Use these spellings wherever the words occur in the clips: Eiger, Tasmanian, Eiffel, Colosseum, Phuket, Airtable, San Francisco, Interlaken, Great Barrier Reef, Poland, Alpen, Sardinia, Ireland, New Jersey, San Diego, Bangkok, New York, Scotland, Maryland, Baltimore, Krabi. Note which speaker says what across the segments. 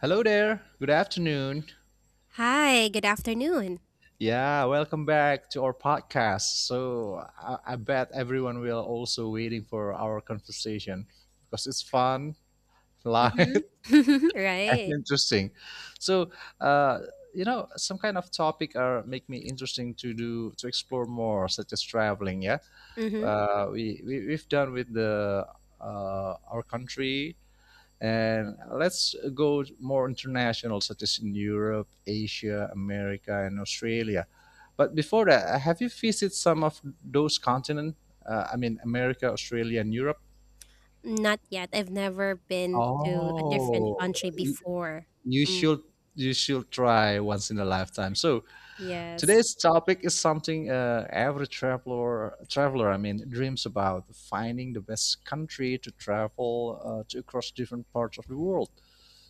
Speaker 1: Hello there. Good afternoon.
Speaker 2: Hi, good afternoon.
Speaker 1: Yeah, welcome back to our podcast. So I bet everyone will also waiting for our conversation because it's fun,
Speaker 2: Mhm.
Speaker 1: light, and
Speaker 2: Right.
Speaker 1: interesting. So uh, some kind of topic are make me interesting to do to explore more, such as traveling. Yeah,
Speaker 2: Mhm.
Speaker 1: we've done with the our country. And let's go more international, such as in Europe, Asia, America, and Australia. But before that, have you visited some of those continents? I mean, America, Australia, and Europe.
Speaker 2: Not yet. I've never been to a different
Speaker 1: Oh,
Speaker 2: country
Speaker 1: y-
Speaker 2: before.
Speaker 1: you
Speaker 2: Mm.
Speaker 1: should you should try once in a lifetime. So
Speaker 2: Yes.
Speaker 1: today's topic is something every traveler I mean dreams about: finding the best country to travel to across different parts of the world.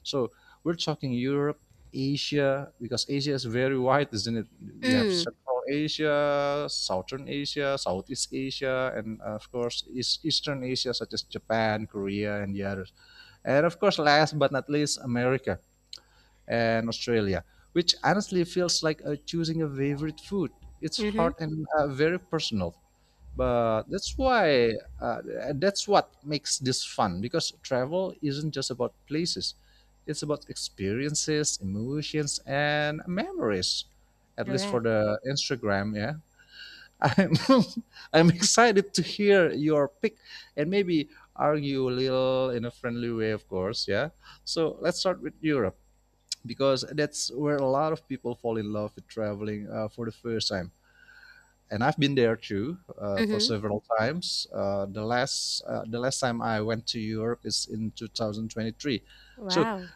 Speaker 1: So we're talking Europe, Asia, because Asia is very wide, isn't it? We have
Speaker 2: Mm.
Speaker 1: Central Asia, Southern Asia, Southeast Asia, and of course Eastern Asia, such as Japan, Korea, and the others. And of course, last but not least, America and Australia, which honestly feels like choosing a favorite food. It's
Speaker 2: Mhm.
Speaker 1: hard and very personal, but that's why uh, that's what makes this fun, because travel isn't just about places, it's about experiences, emotions, and memories, at least for
Speaker 2: Correct.
Speaker 1: the Instagram. Yeah. i'm I'm excited to hear your pick, and maybe argue a little in a friendly way, of course. Yeah. So let's start with Europe, because that's where a lot of people fall in love with traveling for the first time. And I've been there too, for
Speaker 2: Mhm.
Speaker 1: several times. The last time I went to Europe is in 2023. So
Speaker 2: Wow.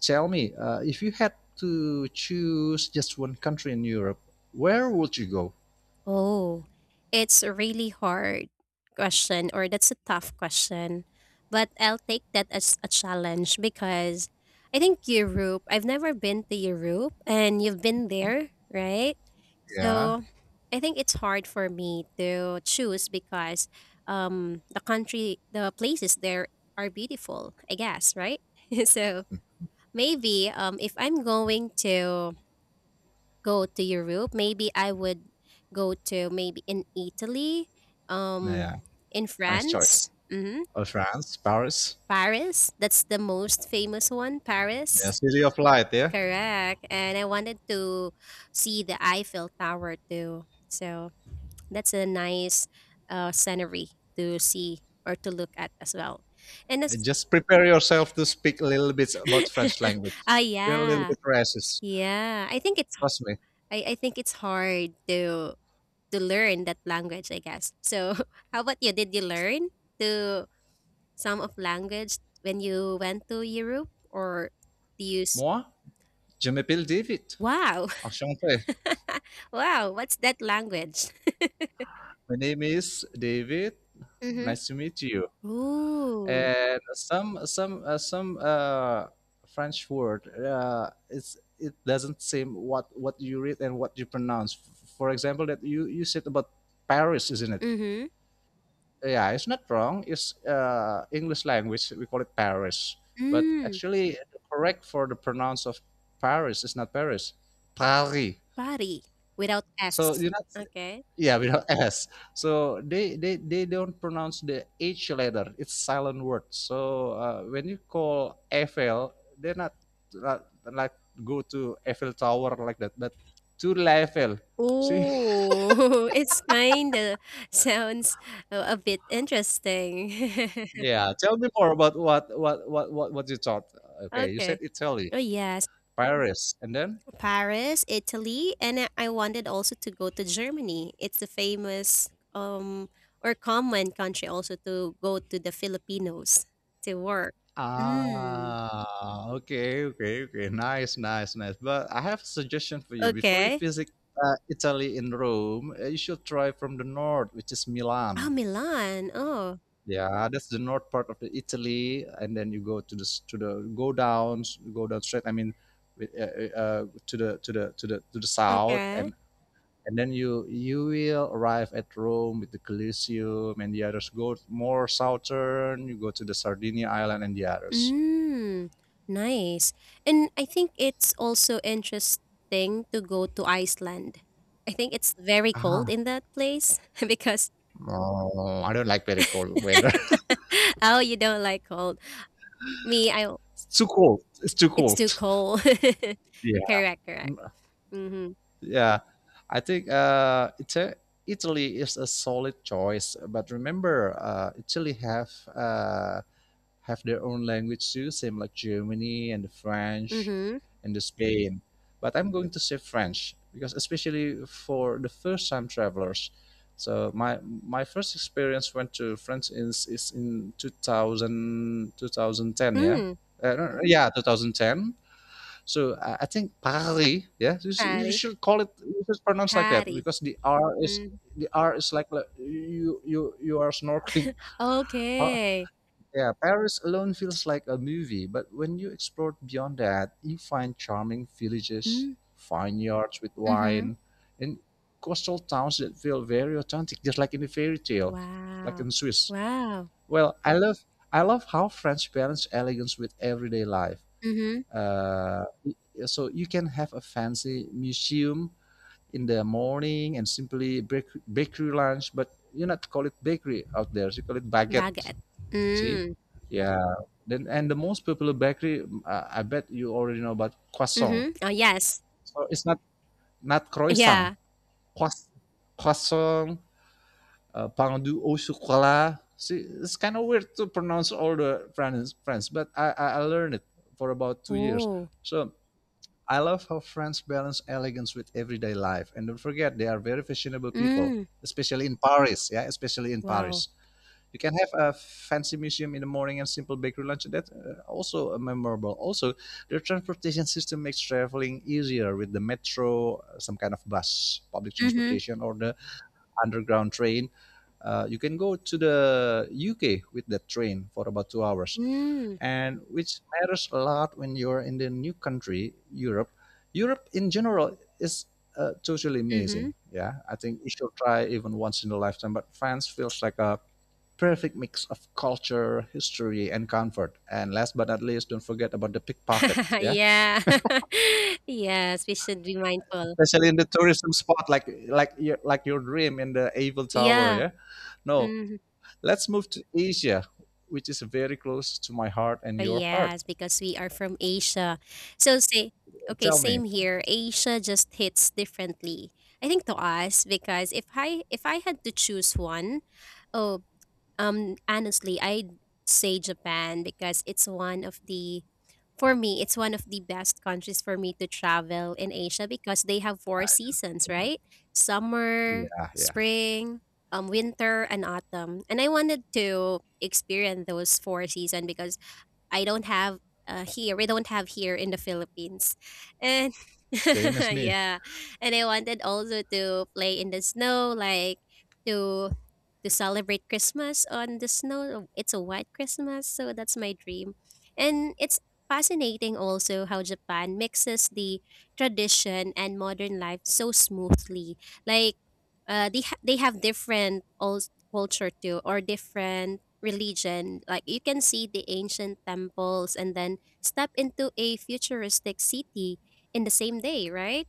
Speaker 1: tell me, if you had to choose just one country in Europe, where would you go?
Speaker 2: Oh, it's a really hard question, or that's a tough question. But I'll take that as a challenge because I think Europe, I've never been to Europe and you've been there, right?
Speaker 1: Yeah,
Speaker 2: So I think it's hard for me to choose because the country, the places there are beautiful, I guess, right? So maybe if I'm going to go to Europe. Maybe I would go to maybe in Italy, um,
Speaker 1: yeah,
Speaker 2: in
Speaker 1: nice
Speaker 2: France.
Speaker 1: choice.
Speaker 2: hmm
Speaker 1: France, Paris,
Speaker 2: Paris. That's the most famous one,
Speaker 1: yeah,
Speaker 2: Paris.
Speaker 1: City of Light. Yeah,
Speaker 2: Correct. And I wanted to see the Eiffel Tower too. So that's a nice scenery to see or to look at as well. And as
Speaker 1: just prepare yourself to speak a little bit about French language.
Speaker 2: ah,
Speaker 1: They're a little
Speaker 2: yeah,
Speaker 1: bit racist.
Speaker 2: yeah. I think it's
Speaker 1: Trust me.
Speaker 2: I think it's hard to learn that language, I guess. So, how about you? Did you learn to some of language when you went to Europe, or do you?
Speaker 1: Moi, je m'appelle David.
Speaker 2: Wow,
Speaker 1: Enchanté.
Speaker 2: wow! What's that language?
Speaker 1: My name is David.
Speaker 2: Mm-hmm.
Speaker 1: Nice to meet you.
Speaker 2: Ooh.
Speaker 1: And some French word. It's it doesn't seem what you read and what you pronounce. For example, that you said about Paris, isn't it?
Speaker 2: Mm-hmm.
Speaker 1: Yeah, it's not wrong. It's English language. We call it Paris, but
Speaker 2: Mm.
Speaker 1: actually correct for the pronounce of Paris is not Paris, Paris.
Speaker 2: Body without
Speaker 1: So
Speaker 2: s.
Speaker 1: you're not.
Speaker 2: Okay.
Speaker 1: Yeah, without S. So they don't pronounce the H letter. It's silent word. So when you call Eiffel, they're not uh, like go to Eiffel Tower like that, but to Eiffel. See?
Speaker 2: Ooh, it's kind of sounds a bit interesting.
Speaker 1: Yeah. Tell me more about what you thought. Okay, you said
Speaker 2: Okay.
Speaker 1: Italy,
Speaker 2: Oh yes.
Speaker 1: Paris, and then
Speaker 2: Paris, Italy, and I wanted also to go to Germany. It's the famous or common country also to go to the Filipinos to work. Mm.
Speaker 1: ah, okay, okay, okay. Nice, nice, nice. But I have a suggestion for you. Before you
Speaker 2: Okay.
Speaker 1: visit Italy in Rome, you should try from the north, which is
Speaker 2: Ah,
Speaker 1: Milan.
Speaker 2: Milan. Oh,
Speaker 1: Yeah, that's the north part of the Italy, and then you go to to the go down straight. I mean, with, to the south,
Speaker 2: okay.
Speaker 1: and then you will arrive at Rome with the Colosseum and the others. Go more southern, you go to the Sardinia island and the others.
Speaker 2: Mm. Nice. And I think it's also interesting to go to Iceland. I think it's very cold in that place because oh, you don't like cold. Me, I
Speaker 1: It's too cold. It's too
Speaker 2: It's too
Speaker 1: cold.
Speaker 2: cold.
Speaker 1: Yeah.
Speaker 2: Correct, correct.
Speaker 1: Mm.
Speaker 2: Mhm,
Speaker 1: Yeah. I think Italy is a solid choice, but remember, Italy have their own language too, same like Germany and the French
Speaker 2: mhm.
Speaker 1: and the Spain. But I'm going to say French because especially for the first time travelers. So my first experience went to France is in two thousand ten. Yeah.
Speaker 2: Mm,
Speaker 1: No, no, yeah, 2010. So I think Paris, yeah, you
Speaker 2: patty,
Speaker 1: should call it, you should pronounce like that
Speaker 2: patty.
Speaker 1: because
Speaker 2: Mm,
Speaker 1: the R is like like you are snorkeling. Pa-
Speaker 2: okay.
Speaker 1: Yeah, Paris alone feels like a movie, but when you explore beyond that, you find charming villages,
Speaker 2: Mm,
Speaker 1: vineyards with
Speaker 2: mhm.
Speaker 1: wine, and coastal towns that feel very authentic, just like in a fairy tale, like
Speaker 2: Wow,
Speaker 1: in Swiss.
Speaker 2: wow.
Speaker 1: Well, I love how French balance elegance with everyday life.
Speaker 2: Mhm,
Speaker 1: Uh, so you can have a fancy museum in the morning and bakery lunch, but you not call it bakery out there. You call it baguette.
Speaker 2: baguette.
Speaker 1: See,
Speaker 2: Mm,
Speaker 1: yeah. Then and the most popular bakery, I bet you already know about croissant.
Speaker 2: mhm. Oh, yes.
Speaker 1: So it's not croissant,
Speaker 2: Yeah.
Speaker 1: croissant, croissant pain du au chocolat. See, it's kind of weird to pronounce all the French, French, but I learned it for about 2 years.
Speaker 2: Oh,
Speaker 1: So I love how France balance elegance with everyday life. And don't forget, they are very fashionable people,
Speaker 2: mm,
Speaker 1: especially in Paris. Yeah, especially in
Speaker 2: wow.
Speaker 1: Paris. You can have a fancy museum in the morning and simple bakery lunch. That's also memorable. Also, their transportation system makes traveling easier with the metro, some kind of bus, public
Speaker 2: Mhm,
Speaker 1: transportation, or the underground train. You can go to the UK with that train for about 2 hours,
Speaker 2: mm,
Speaker 1: and which matters a lot when you're in the new country, Europe. Europe in general is totally amazing.
Speaker 2: mhm.
Speaker 1: Yeah, I think you should try even once in a lifetime. But France feels like a perfect mix of culture, history, and comfort. And last but not least, don't forget about the pickpocket. Yeah,
Speaker 2: Yeah. Yes, we should be mindful.
Speaker 1: especially in the tourism spot like your dream in the Eiffel Tower.
Speaker 2: Yeah,
Speaker 1: Yeah, no.
Speaker 2: mhm.
Speaker 1: Let's move to Asia, which is very close to my heart and
Speaker 2: Oh,
Speaker 1: your heart.
Speaker 2: yes, because we are from Asia. So say okay,
Speaker 1: Tell me.
Speaker 2: same here. Asia just hits differently. I think to us because if I had to choose one, oh, honestly, I'd say Japan because it's one of the for me, it's one of the best countries for me to travel in Asia because they have four seasons, right? Summer,
Speaker 1: Yeah, yeah.
Speaker 2: spring, winter, and autumn. And I wanted to experience those four seasons because I don't have here. We don't have here in the Philippines. And
Speaker 1: Same as me.
Speaker 2: yeah, and I wanted also to play in the snow, like to to celebrate Christmas on the snow. It's a white Christmas, so that's my dream. And it's fascinating also how Japan mixes the tradition and modern life so smoothly. Like they have different old culture too, or different religion. Like you can see the ancient temples and then step into a futuristic city in the same day, right?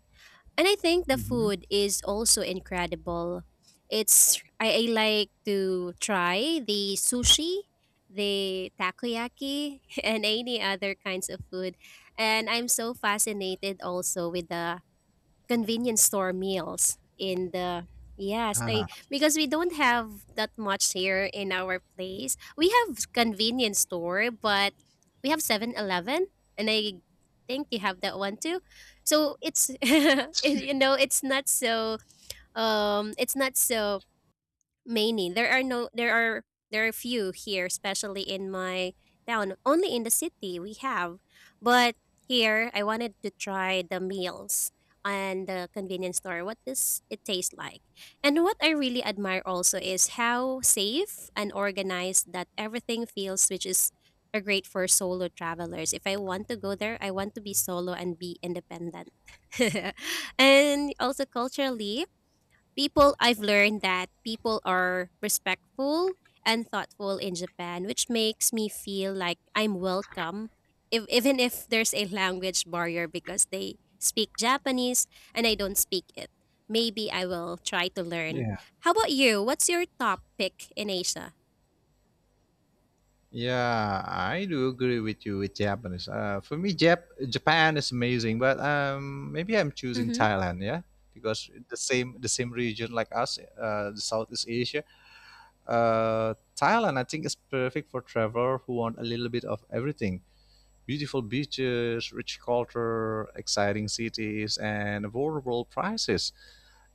Speaker 2: And I think the
Speaker 1: hmm
Speaker 2: food is also incredible. It's I like to try the sushi, the takoyaki, and any other kinds of food. And I'm so fascinated also with the convenience store meals in the yes. I,
Speaker 1: uh
Speaker 2: because we don't have that much here in our place. We have convenience store, but we have 7-Eleven and I think you have that one too. So it's you know, it's not so many. There are no there are there are few here, especially in my town. Only in the city we have. But here I wanted to try the meals and the convenience store. What does it taste like? And what I really admire also is how safe and organized that everything feels, which is are great for solo travelers. If I want to go there, I want to be solo and be independent. And also culturally, people I've learned that people are respectful and thoughtful in Japan, which makes me feel like I'm welcome, if, even if there's a language barrier because they speak Japanese and I don't speak it. Maybe I will try to learn.
Speaker 1: Yeah.
Speaker 2: How about you? What's your top pick in Asia?
Speaker 1: Yeah, I do agree with you with Japanese. For me, Japan is amazing, but maybe I'm choosing
Speaker 2: Mm-hmm.
Speaker 1: Thailand. Yeah, because the same region like us, the Southeast Asia. Thailand, I think, is perfect for travelers who want a little bit of everything. Beautiful beaches, rich culture, exciting cities, and affordable prices.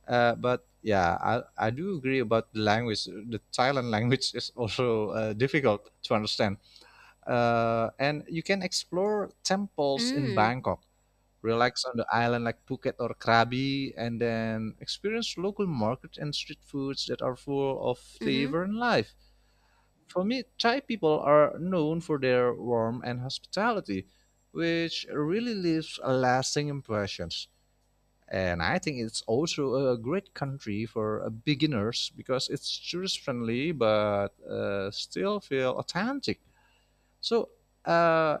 Speaker 1: But yeah, I do agree about the language. The Thailand language is also difficult to understand. And you can explore temples in
Speaker 2: Mm,
Speaker 1: Bangkok, relax on the island like Phuket or Krabi, and then experience local markets and street foods that are full of
Speaker 2: mm-hmm.
Speaker 1: flavor and life. For me, Thai people are known for their warmth and hospitality, which really leaves a lasting impressions. And I think it's also a great country for beginners because it's tourist friendly but still feel authentic. So, uh,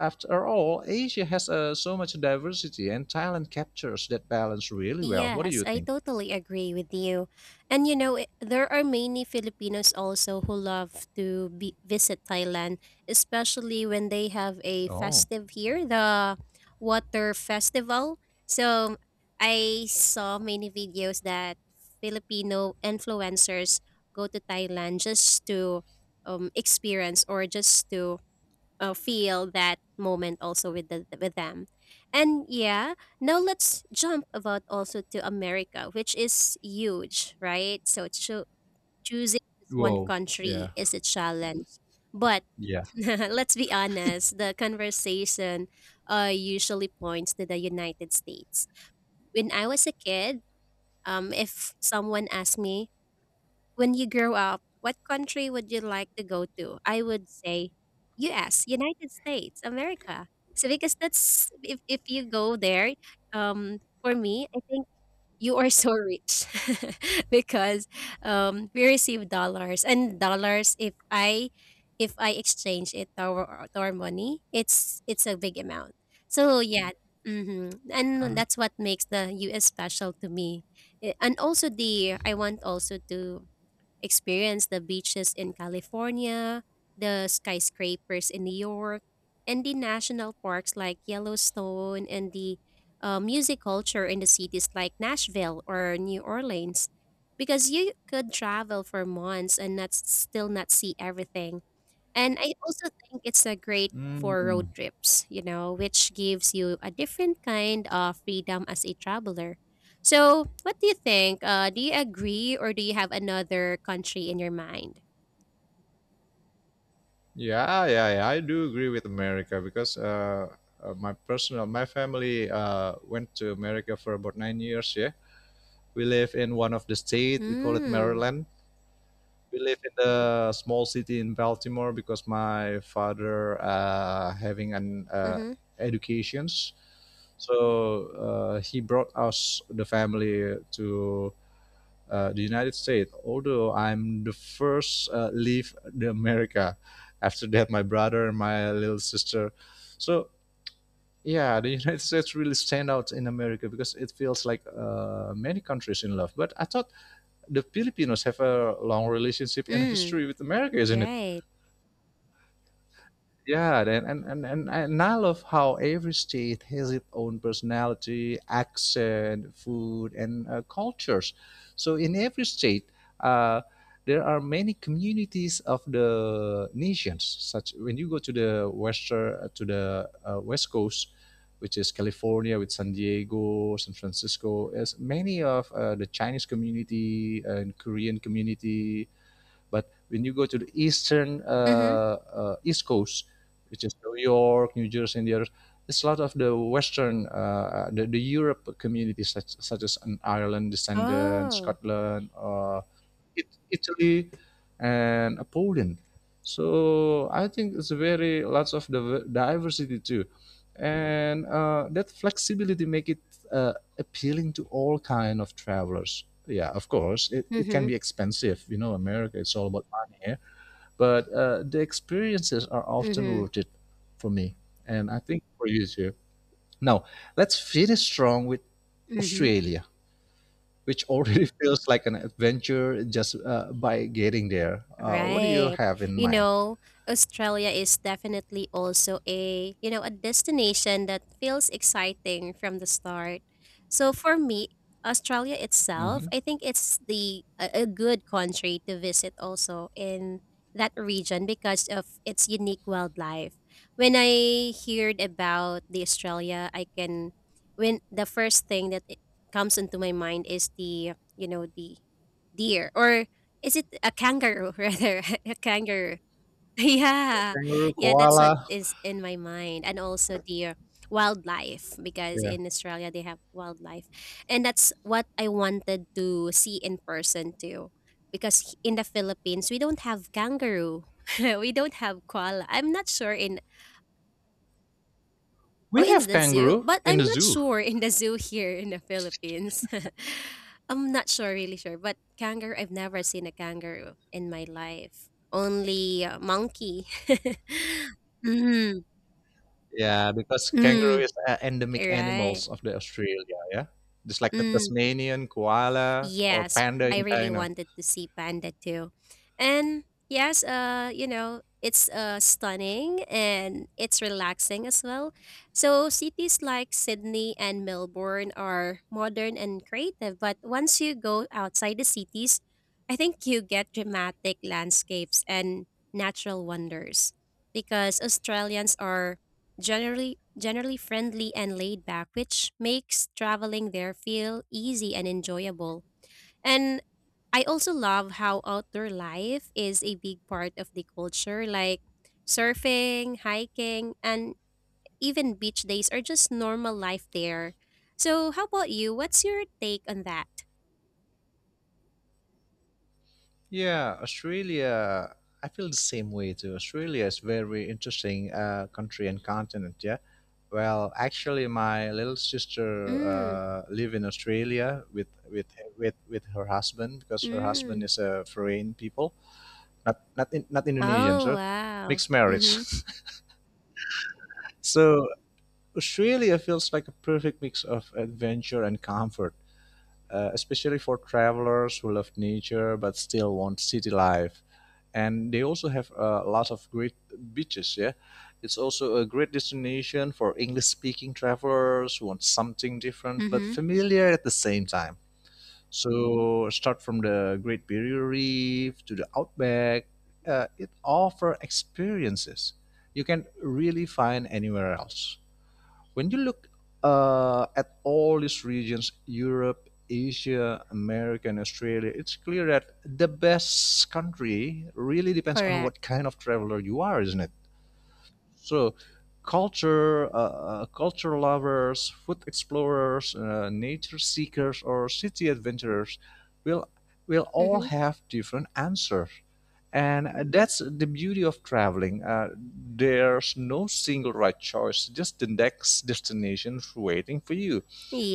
Speaker 1: after all, Asia has so much diversity, and Thailand captures that balance really well. What do
Speaker 2: Yes,
Speaker 1: you
Speaker 2: I
Speaker 1: think?
Speaker 2: totally agree with you. And you know, it- there are many Filipinos also who love to be, visit Thailand, especially when they have a
Speaker 1: Oh,
Speaker 2: festive here, the water festival. So I saw many videos that Filipino influencers go to Thailand just to experience or just to feel that moment also with the with them and yeah, now let's jump about also to America, which is huge, right? So choosing just one
Speaker 1: whoa,
Speaker 2: country
Speaker 1: yeah,
Speaker 2: is a challenge, but
Speaker 1: yeah.
Speaker 2: let's be honest, the conversation usually points to the United States. When I was a kid, if someone asked me when you grow up, what country would you like to go to? I would say US, United States, America. So because that's if you go there, um for me, I think you are so rich because we receive dollars and dollars. If I if I exchange it to our money, it's a big amount. So yeah, and
Speaker 1: Uh,
Speaker 2: that's what makes the US special to me. Eh, and also the I want also to experience the beaches in California, the skyscrapers in New York, and the national parks like Yellowstone, and the music culture in the cities like Nashville or New Orleans. Because you could travel for months and not still not see everything. And I also think it's a great for road
Speaker 1: mm.
Speaker 2: trips, you know, which gives you a different kind of freedom as a traveler. So, what do you think? Do you agree or do you have another country in your mind?
Speaker 1: Yeah, yeah, yeah. I do agree with America because my personal, my family went to America for about 9 years. Yeah, we live in one of the state. We call it
Speaker 2: Mm.
Speaker 1: Maryland. We live in the small city in Baltimore because my father having an
Speaker 2: Mm-hmm.
Speaker 1: educations, so he brought us the family to the United States, although I'm the first leave the America. After that, my brother and my little sister. So yeah, the United States really stand out in America because it feels like many countries in love. But I thought the Filipinos have a long relationship and
Speaker 2: Mm.
Speaker 1: history with America, isn't it?
Speaker 2: Right.
Speaker 1: Yeah, and I love how every state has its own personality, accent, food, and cultures. So in every state, uh, there are many communities of the nations. Such when you go to the western to the west coast, which is California with San Diego, San Francisco, is many of the Chinese community and Korean community, but when you go to the eastern
Speaker 2: Mm-hmm.
Speaker 1: east coast, which is New York, New Jersey, and the others, it's a lot of the Western, the Europe communities such, such as an Ireland descendant,
Speaker 2: Oh.
Speaker 1: Scotland, Italy, and Poland. So I think it's very lots of diversity too, and that flexibility make it appealing to all kind of travelers. Yeah, of course, it can
Speaker 2: Mhm,
Speaker 1: be expensive. You know, America it's all about money, here, but the experiences are often
Speaker 2: mhm,
Speaker 1: worth it for me, and I think for you too. Now let's finish strong with
Speaker 2: mhm.
Speaker 1: Australia, which already feels like an adventure just by getting there. What do you
Speaker 2: Right.
Speaker 1: have in
Speaker 2: You
Speaker 1: mind?
Speaker 2: know, Australia is definitely also a, you know, a destination that feels exciting from the start. So for me, Australia
Speaker 1: hmm.
Speaker 2: itself, I think it's the a good country to visit also in that region because of its unique wildlife. When I heard about the Australia, I can when the first thing that it comes into my mind is the, you know, the deer or is it a kangaroo rather? A kangaroo. Yeah.
Speaker 1: Kangaroo,
Speaker 2: Yeah, that's
Speaker 1: koala.
Speaker 2: what is in my mind. And also the wildlife because
Speaker 1: Yeah,
Speaker 2: in Australia they have wildlife. And that's what I wanted to see in person too. Because in the Philippines we don't have kangaroo. We don't have koala. I'm not sure in Oh,
Speaker 1: we
Speaker 2: in
Speaker 1: have
Speaker 2: the zoo.
Speaker 1: kangaroo
Speaker 2: But
Speaker 1: in
Speaker 2: I'm
Speaker 1: the
Speaker 2: not
Speaker 1: zoo.
Speaker 2: sure in the zoo here in the Philippines. I'm not sure, really sure. But kangaroo, I've never seen a kangaroo in my life. Only a monkey. Mm-hmm.
Speaker 1: Yeah, because kangaroo
Speaker 2: Mm.
Speaker 1: is endemic
Speaker 2: Right.
Speaker 1: animals of the Australia. Yeah, just like the
Speaker 2: Mm.
Speaker 1: Tasmanian koala or
Speaker 2: Yes,
Speaker 1: panda
Speaker 2: I
Speaker 1: in
Speaker 2: really
Speaker 1: China.
Speaker 2: wanted to see panda too. And yes, you know, it's stunning and it's relaxing as well. So cities like Sydney and Melbourne are modern and creative, but once you go outside the cities, I think you get dramatic landscapes and natural wonders because Australians are generally friendly and laid back, which makes traveling there feel easy and enjoyable. And I also love how outdoor life is a big part of the culture, like surfing, hiking, and even beach days are just normal life there. So, how about you? What's your take on that?
Speaker 1: Yeah, Australia. I feel the same way too. Australia is very interesting country and continent. Yeah. Well, actually, my little sister
Speaker 2: Mm,
Speaker 1: live in Australia with her husband because her
Speaker 2: mm.
Speaker 1: husband is a foreign people, not Indonesian.
Speaker 2: Oh,
Speaker 1: So
Speaker 2: wow.
Speaker 1: mixed marriage.
Speaker 2: Mm-hmm.
Speaker 1: so Australia feels like a perfect mix of adventure and comfort. Especially for travelers who love nature but still want city life. And they also have a lot of great beaches. Yeah, it's also a great destination for English-speaking travelers who want something different but
Speaker 2: Mm-hmm.
Speaker 1: familiar at the same time. So start from the Great Barrier Reef to the outback. It offers experiences you can really find anywhere else when you look at all these regions, Europe, Asia, America, and Australia. It's clear that the best country really depends on
Speaker 2: Correct.
Speaker 1: what kind of traveler you are, isn't it? So, culture, culture lovers, food explorers, nature seekers, or city adventurers will will all
Speaker 2: Mm-hmm.
Speaker 1: have different answers, and that's the beauty of traveling. There's no single right choice; just the next destination waiting for you.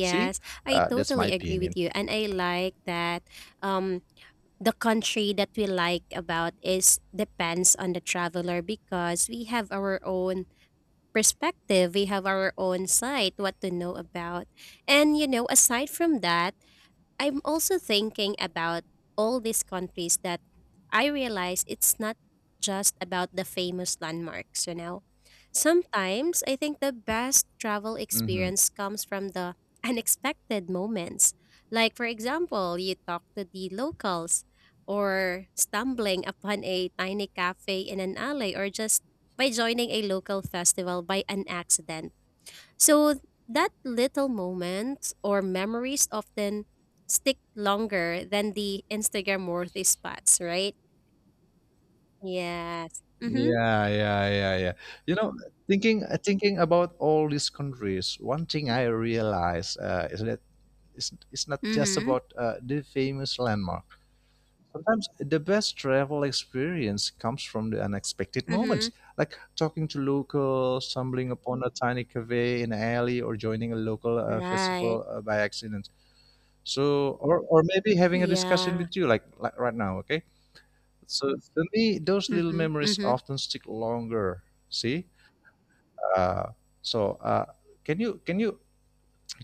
Speaker 1: See,
Speaker 2: I
Speaker 1: that's my
Speaker 2: totally agree with
Speaker 1: opinion.
Speaker 2: you. And I like that um, the country that we like about is depends on the traveler because we have our own perspective. We have our own site, what to know about. And, you know, aside from that, I'm also thinking about all these countries that I realize it's not just about the famous landmarks, you know. Sometimes I think the best travel
Speaker 1: Hmm
Speaker 2: experience comes from the unexpected moments. Like, for example, you talk to the locals, or stumbling upon a tiny cafe in an alley, or just by joining a local festival by an accident. So that little moments or memories often stick longer than the Instagram worthy spots, right? Yes. Mm-hmm.
Speaker 1: Yeah, yeah, yeah, yeah. You know, thinking about all these countries, one thing I realize is that it's not just
Speaker 2: Mm-hmm.
Speaker 1: about the famous landmark. Sometimes the best travel experience comes from the unexpected
Speaker 2: Mm-hmm.
Speaker 1: moments, like talking to locals, stumbling upon a tiny cafe in an alley, or joining a local
Speaker 2: Right.
Speaker 1: festival by accident. So, or maybe having a discussion
Speaker 2: Yeah.
Speaker 1: with you, like right now, okay? So, for me, those little
Speaker 2: Mm-hmm.
Speaker 1: memories
Speaker 2: Mm-hmm.
Speaker 1: often stick longer. See? Uh, so, uh, can you can you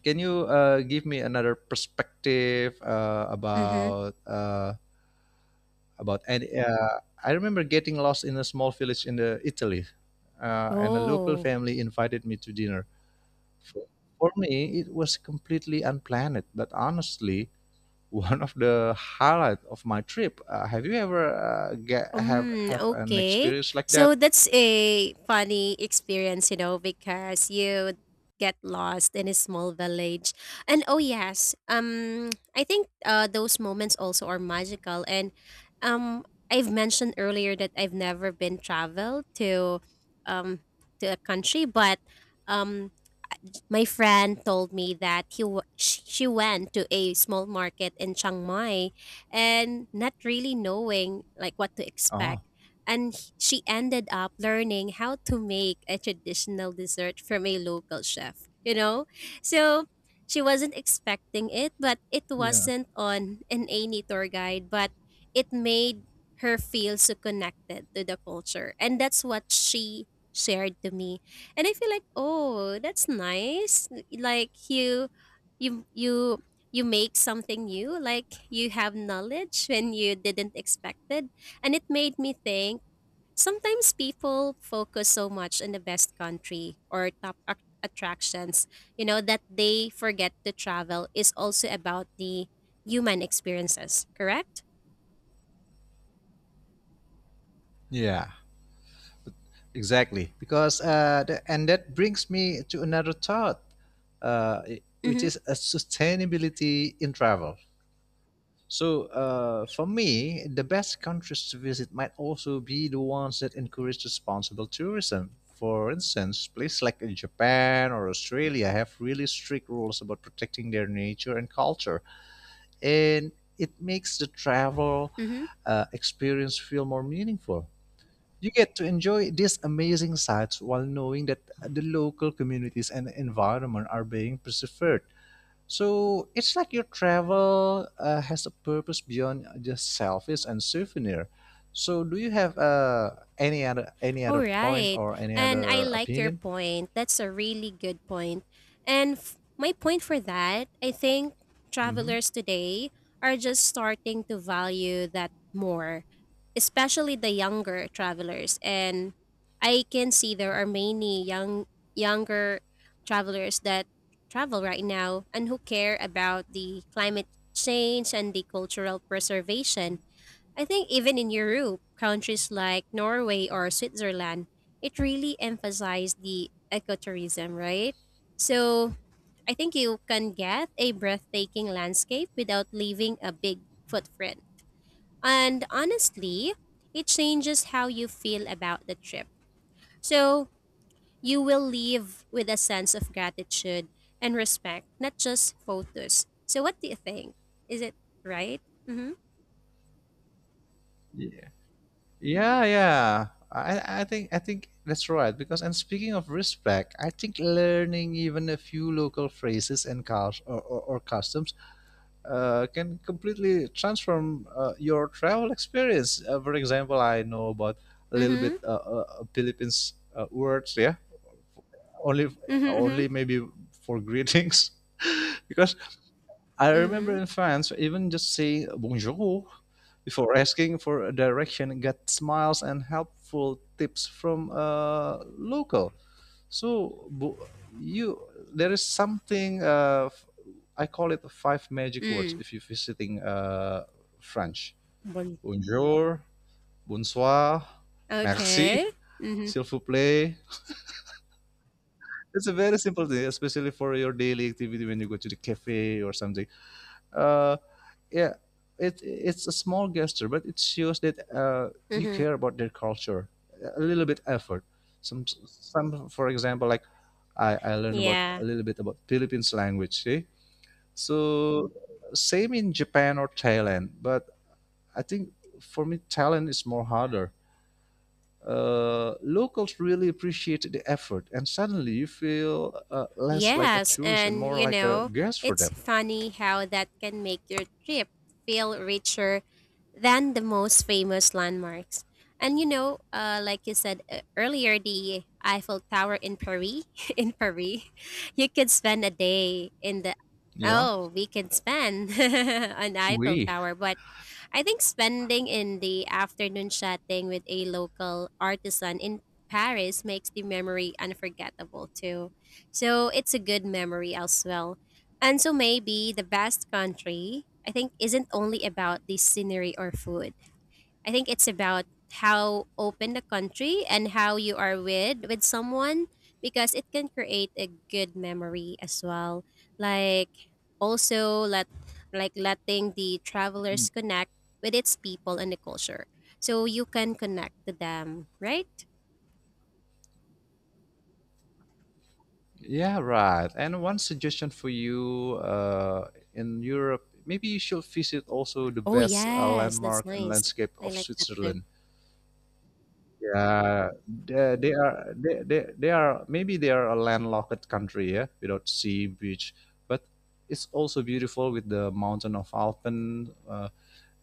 Speaker 1: Can you give me another perspective
Speaker 2: Mm-hmm.
Speaker 1: about and I remember getting lost in a small village in the Italy, and a local
Speaker 2: Oh.
Speaker 1: family invited me to dinner. For, for me, it was completely unplanned, but honestly, one of the highlight of my trip. Have you ever get,
Speaker 2: Mm,
Speaker 1: have an
Speaker 2: okay.
Speaker 1: experience like that?
Speaker 2: So that's a funny experience, you know, because you get lost in a small village. And oh yes, I think those moments also are magical and um I've mentioned earlier that I've never been traveled um to a country, but um my friend told me that she went to a small market in Chiang Mai and not really knowing like what to
Speaker 1: Oh,
Speaker 2: expect, and she ended up learning how to make a traditional dessert from a local chef, you know. So she wasn't expecting it but it
Speaker 1: yeah.
Speaker 2: wasn't on an any tour guide, but it made her feel so connected to the culture and that's what she shared to me. And I feel like, "Oh, that's nice." Like you you make something new, like you have knowledge when you didn't expect it. And it made me think sometimes people focus so much on the best country or top attractions, you know, that they forget to travel is also about the human experiences, correct?
Speaker 1: Yeah. Exactly, because and that brings me to another thought, which
Speaker 2: Mhm.
Speaker 1: is a sustainability in travel. So for me, the best countries to visit might also be the ones that encourage responsible tourism. For instance, places like in Japan or Australia have really strict rules about protecting their nature and culture, and it makes the travel
Speaker 2: Mhm.
Speaker 1: experience feel more meaningful. You get to enjoy these amazing sights while knowing that the local communities and environment are being preserved. So it's like your travel has a purpose beyond just selfies and souvenir. So do you have any other
Speaker 2: All
Speaker 1: point
Speaker 2: right.
Speaker 1: or any
Speaker 2: And I
Speaker 1: other
Speaker 2: like your
Speaker 1: opinion?
Speaker 2: point. That's a really good point. And my point for that, I think
Speaker 1: Hmm
Speaker 2: travelers today are just starting to value that more, especially the younger travelers. And I can see there are many younger travelers that travel right now and who care about the climate change and the cultural preservation. I think even in Europe, countries like Norway or Switzerland, it really emphasized the ecotourism, right? So I think you can get a breathtaking landscape without leaving a big footprint. And honestly, it changes how you feel about the trip. So you will leave with a sense of gratitude and respect, not just photos. So what do you think? Is it right? Mm-hmm.
Speaker 1: Yeah, yeah, yeah. I think that's right because and speaking of respect, I think learning even a few local phrases and cul- or customs can completely transform your travel experience. For example, I know about a little bit
Speaker 2: Mm-hmm.
Speaker 1: Philippines words, yeah, only
Speaker 2: Mm-hmm. Mm-hmm.
Speaker 1: only maybe for greetings, because I remember
Speaker 2: Mm-hmm.
Speaker 1: in France, even just say bonjour before asking for a direction, get smiles and helpful tips from a local. So bu- you there is something I call it the five magic words
Speaker 2: Mm.
Speaker 1: if you're visiting French.
Speaker 2: Bal-
Speaker 1: Bonjour, bonsoir, merci,
Speaker 2: Okay. Mhm.
Speaker 1: s'il vous plaît. It's a very simple thing, especially for your daily activity when you go to the cafe or something. uh, yeah, it's a small gesture, but it shows that you
Speaker 2: Mhm.
Speaker 1: care about their culture. A little bit effort. For example, like I learned about
Speaker 2: Yeah.
Speaker 1: a little bit about Philippines language. See, so same in Japan or Thailand, but I think for me Thailand is more harder. Locals really appreciate the effort, and suddenly you feel less like a
Speaker 2: Yes,
Speaker 1: tourist and
Speaker 2: and
Speaker 1: more
Speaker 2: you
Speaker 1: like a
Speaker 2: know,
Speaker 1: guest for
Speaker 2: it's
Speaker 1: them.
Speaker 2: funny how that can make your trip feel richer than the most famous landmarks. And you know, like you said earlier, the Eiffel Tower in Paris, in Paris, you could spend a day in the
Speaker 1: Yeah,
Speaker 2: oh, we can spend on Eiffel
Speaker 1: we
Speaker 2: Tower, but I think spending in the afternoon chatting with a local artisan in Paris makes the memory unforgettable too. So it's a good memory as well. And so maybe the best country, I think, isn't only about the scenery or food. I think it's about how open the country and how you are with someone because it can create a good memory as well. Like also let like letting the travelers connect with its people and the culture. So you can connect to them, right?
Speaker 1: Yeah, right. And one suggestion for you in Europe, maybe you should visit also the
Speaker 2: Oh
Speaker 1: best
Speaker 2: yes, that's
Speaker 1: landmark and
Speaker 2: nice.
Speaker 1: landscape
Speaker 2: I
Speaker 1: of
Speaker 2: like that too.
Speaker 1: Switzerland. Yeah, they are maybe they are a landlocked country, yeah, without sea, beach, but it's also beautiful with the mountain of Alpen,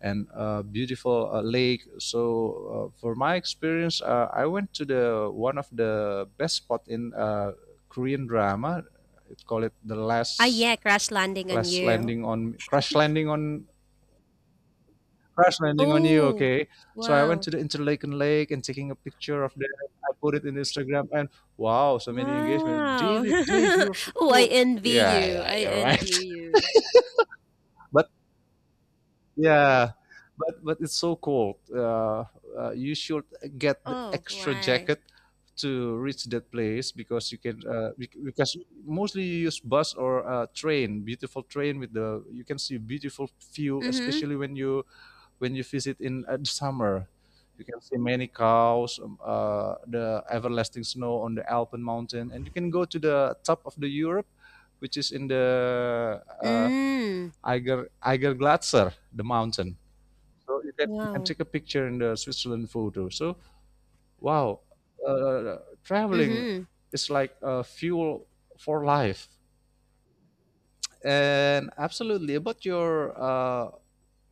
Speaker 1: and a beautiful lake. So for my experience, I went to the one of the best spot in Korean drama. It call it the
Speaker 2: Ah
Speaker 1: last
Speaker 2: yeah, crash landing on
Speaker 1: last
Speaker 2: you.
Speaker 1: landing on crash landing on crash landing on you.
Speaker 2: Oh,
Speaker 1: Okay, so I went
Speaker 2: wow.
Speaker 1: to the Interlaken Lake and taking a picture of that. I put it in Instagram and wow, so many engagement.
Speaker 2: Wow.
Speaker 1: David, Dave, you're so
Speaker 2: Oh, I
Speaker 1: cool.
Speaker 2: envy
Speaker 1: Yeah,
Speaker 2: you.
Speaker 1: yeah,
Speaker 2: I
Speaker 1: you're right.
Speaker 2: envy you.
Speaker 1: but yeah, but it's so cold you should get the
Speaker 2: Oh,
Speaker 1: extra
Speaker 2: why?
Speaker 1: jacket to reach that place because you can because mostly you use bus or train, beautiful train with the you can see beautiful view,
Speaker 2: Mhm.
Speaker 1: especially when you visit in the summer. You can see many cows, the everlasting snow on the alpen mountain, and you can go to the top of the europe, which is in the
Speaker 2: Mm.
Speaker 1: Eiger, Eiger Glatzer, the mountain. So you can
Speaker 2: Wow.
Speaker 1: take a picture in the Switzerland photo. So wow, uh, traveling
Speaker 2: Mhm.
Speaker 1: is like fuel for life. And absolutely about your uh,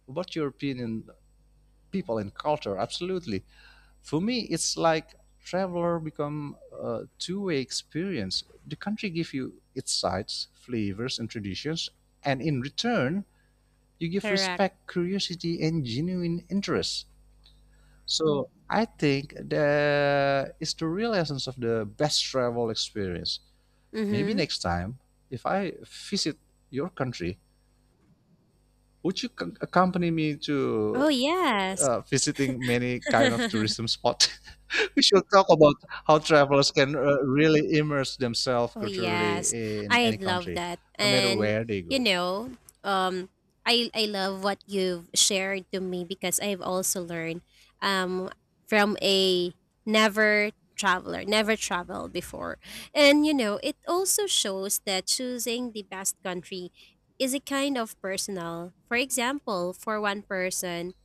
Speaker 1: about your opinion, people and culture. Absolutely, for me it's like traveler become a two-way experience. The country give you its sights, flavors, and traditions, and in return you give
Speaker 2: Correct.
Speaker 1: respect, curiosity, and genuine interest. So I think that is the real essence of the best travel experience. Maybe
Speaker 2: Mhm.
Speaker 1: next time, if I visit your country, would you accompany me
Speaker 2: Oh,
Speaker 1: to
Speaker 2: yes.
Speaker 1: visiting many kind of tourism spot? We should talk about how travelers can really immerse themselves
Speaker 2: Oh
Speaker 1: culturally
Speaker 2: yes,
Speaker 1: in
Speaker 2: I
Speaker 1: any
Speaker 2: love
Speaker 1: country,
Speaker 2: that.
Speaker 1: no matter
Speaker 2: And
Speaker 1: where they
Speaker 2: you
Speaker 1: go.
Speaker 2: know, um I love what you've shared to me because I've also learned um from a never traveler, never traveled before. And you know, it also shows that choosing the best country is a kind of personal. For example, for one person,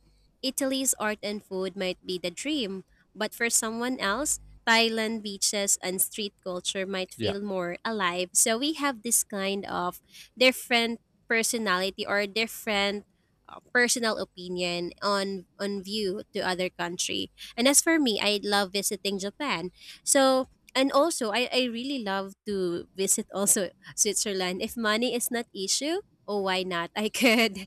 Speaker 2: Italy's art and food might be the dream, but for someone else, Thailand beaches and street culture might
Speaker 1: Yeah.
Speaker 2: feel more alive. So we have this kind of different personality or different personal opinion on view to other country. And as for me, I love visiting Japan. So and also I really love to visit also Switzerland. If money is not issue, oh why not? I could.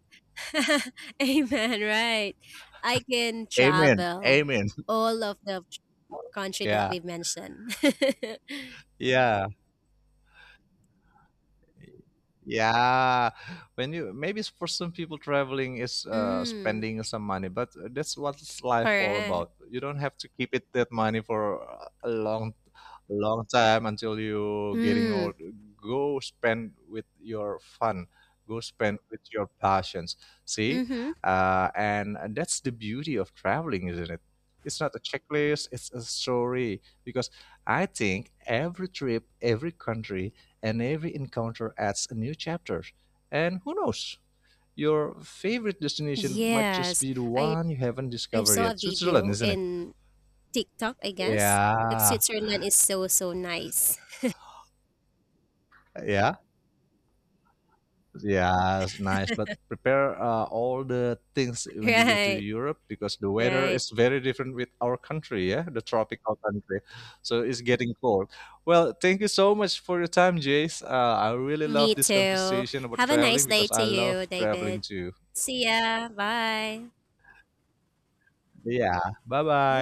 Speaker 2: Amen, right. I can
Speaker 1: Amen.
Speaker 2: travel
Speaker 1: Amen.
Speaker 2: all of the country that
Speaker 1: Yeah.
Speaker 2: we've mentioned.
Speaker 1: Yeah. Yeah, when you maybe s- for some people traveling is
Speaker 2: Mm,
Speaker 1: spending some money, but that's what's life all
Speaker 2: correct.
Speaker 1: about. You don't have to keep it that money for a long, long time until you getting
Speaker 2: Mm,
Speaker 1: old. Go spend with your fun. Go spend with your passions. See,
Speaker 2: mm-hmm.
Speaker 1: and that's the beauty of traveling, isn't it? It's not a checklist. It's a story because I think every trip, every country and every encounter adds a new chapter. And who knows? Your favorite destination might just
Speaker 2: Yes.
Speaker 1: be the
Speaker 2: I
Speaker 1: one you haven't
Speaker 2: I
Speaker 1: discovered
Speaker 2: saw a
Speaker 1: yet. Switzerland,
Speaker 2: video
Speaker 1: isn't it?
Speaker 2: in TikTok, I guess. Like
Speaker 1: Yeah,
Speaker 2: Switzerland is so so nice.
Speaker 1: yeah, yeah. It's nice, but prepare all the things when you go to
Speaker 2: Right.
Speaker 1: Europe because the weather
Speaker 2: Right.
Speaker 1: is very different with our country. Yeah, the tropical country, so it's getting cold. Well, thank you so much for your time, Jace. I really love
Speaker 2: Me
Speaker 1: this
Speaker 2: too.
Speaker 1: conversation about
Speaker 2: Have a nice
Speaker 1: traveling
Speaker 2: day
Speaker 1: because
Speaker 2: to
Speaker 1: I love
Speaker 2: you, David.
Speaker 1: traveling too.
Speaker 2: See ya. Bye.
Speaker 1: Yeah. Bye bye.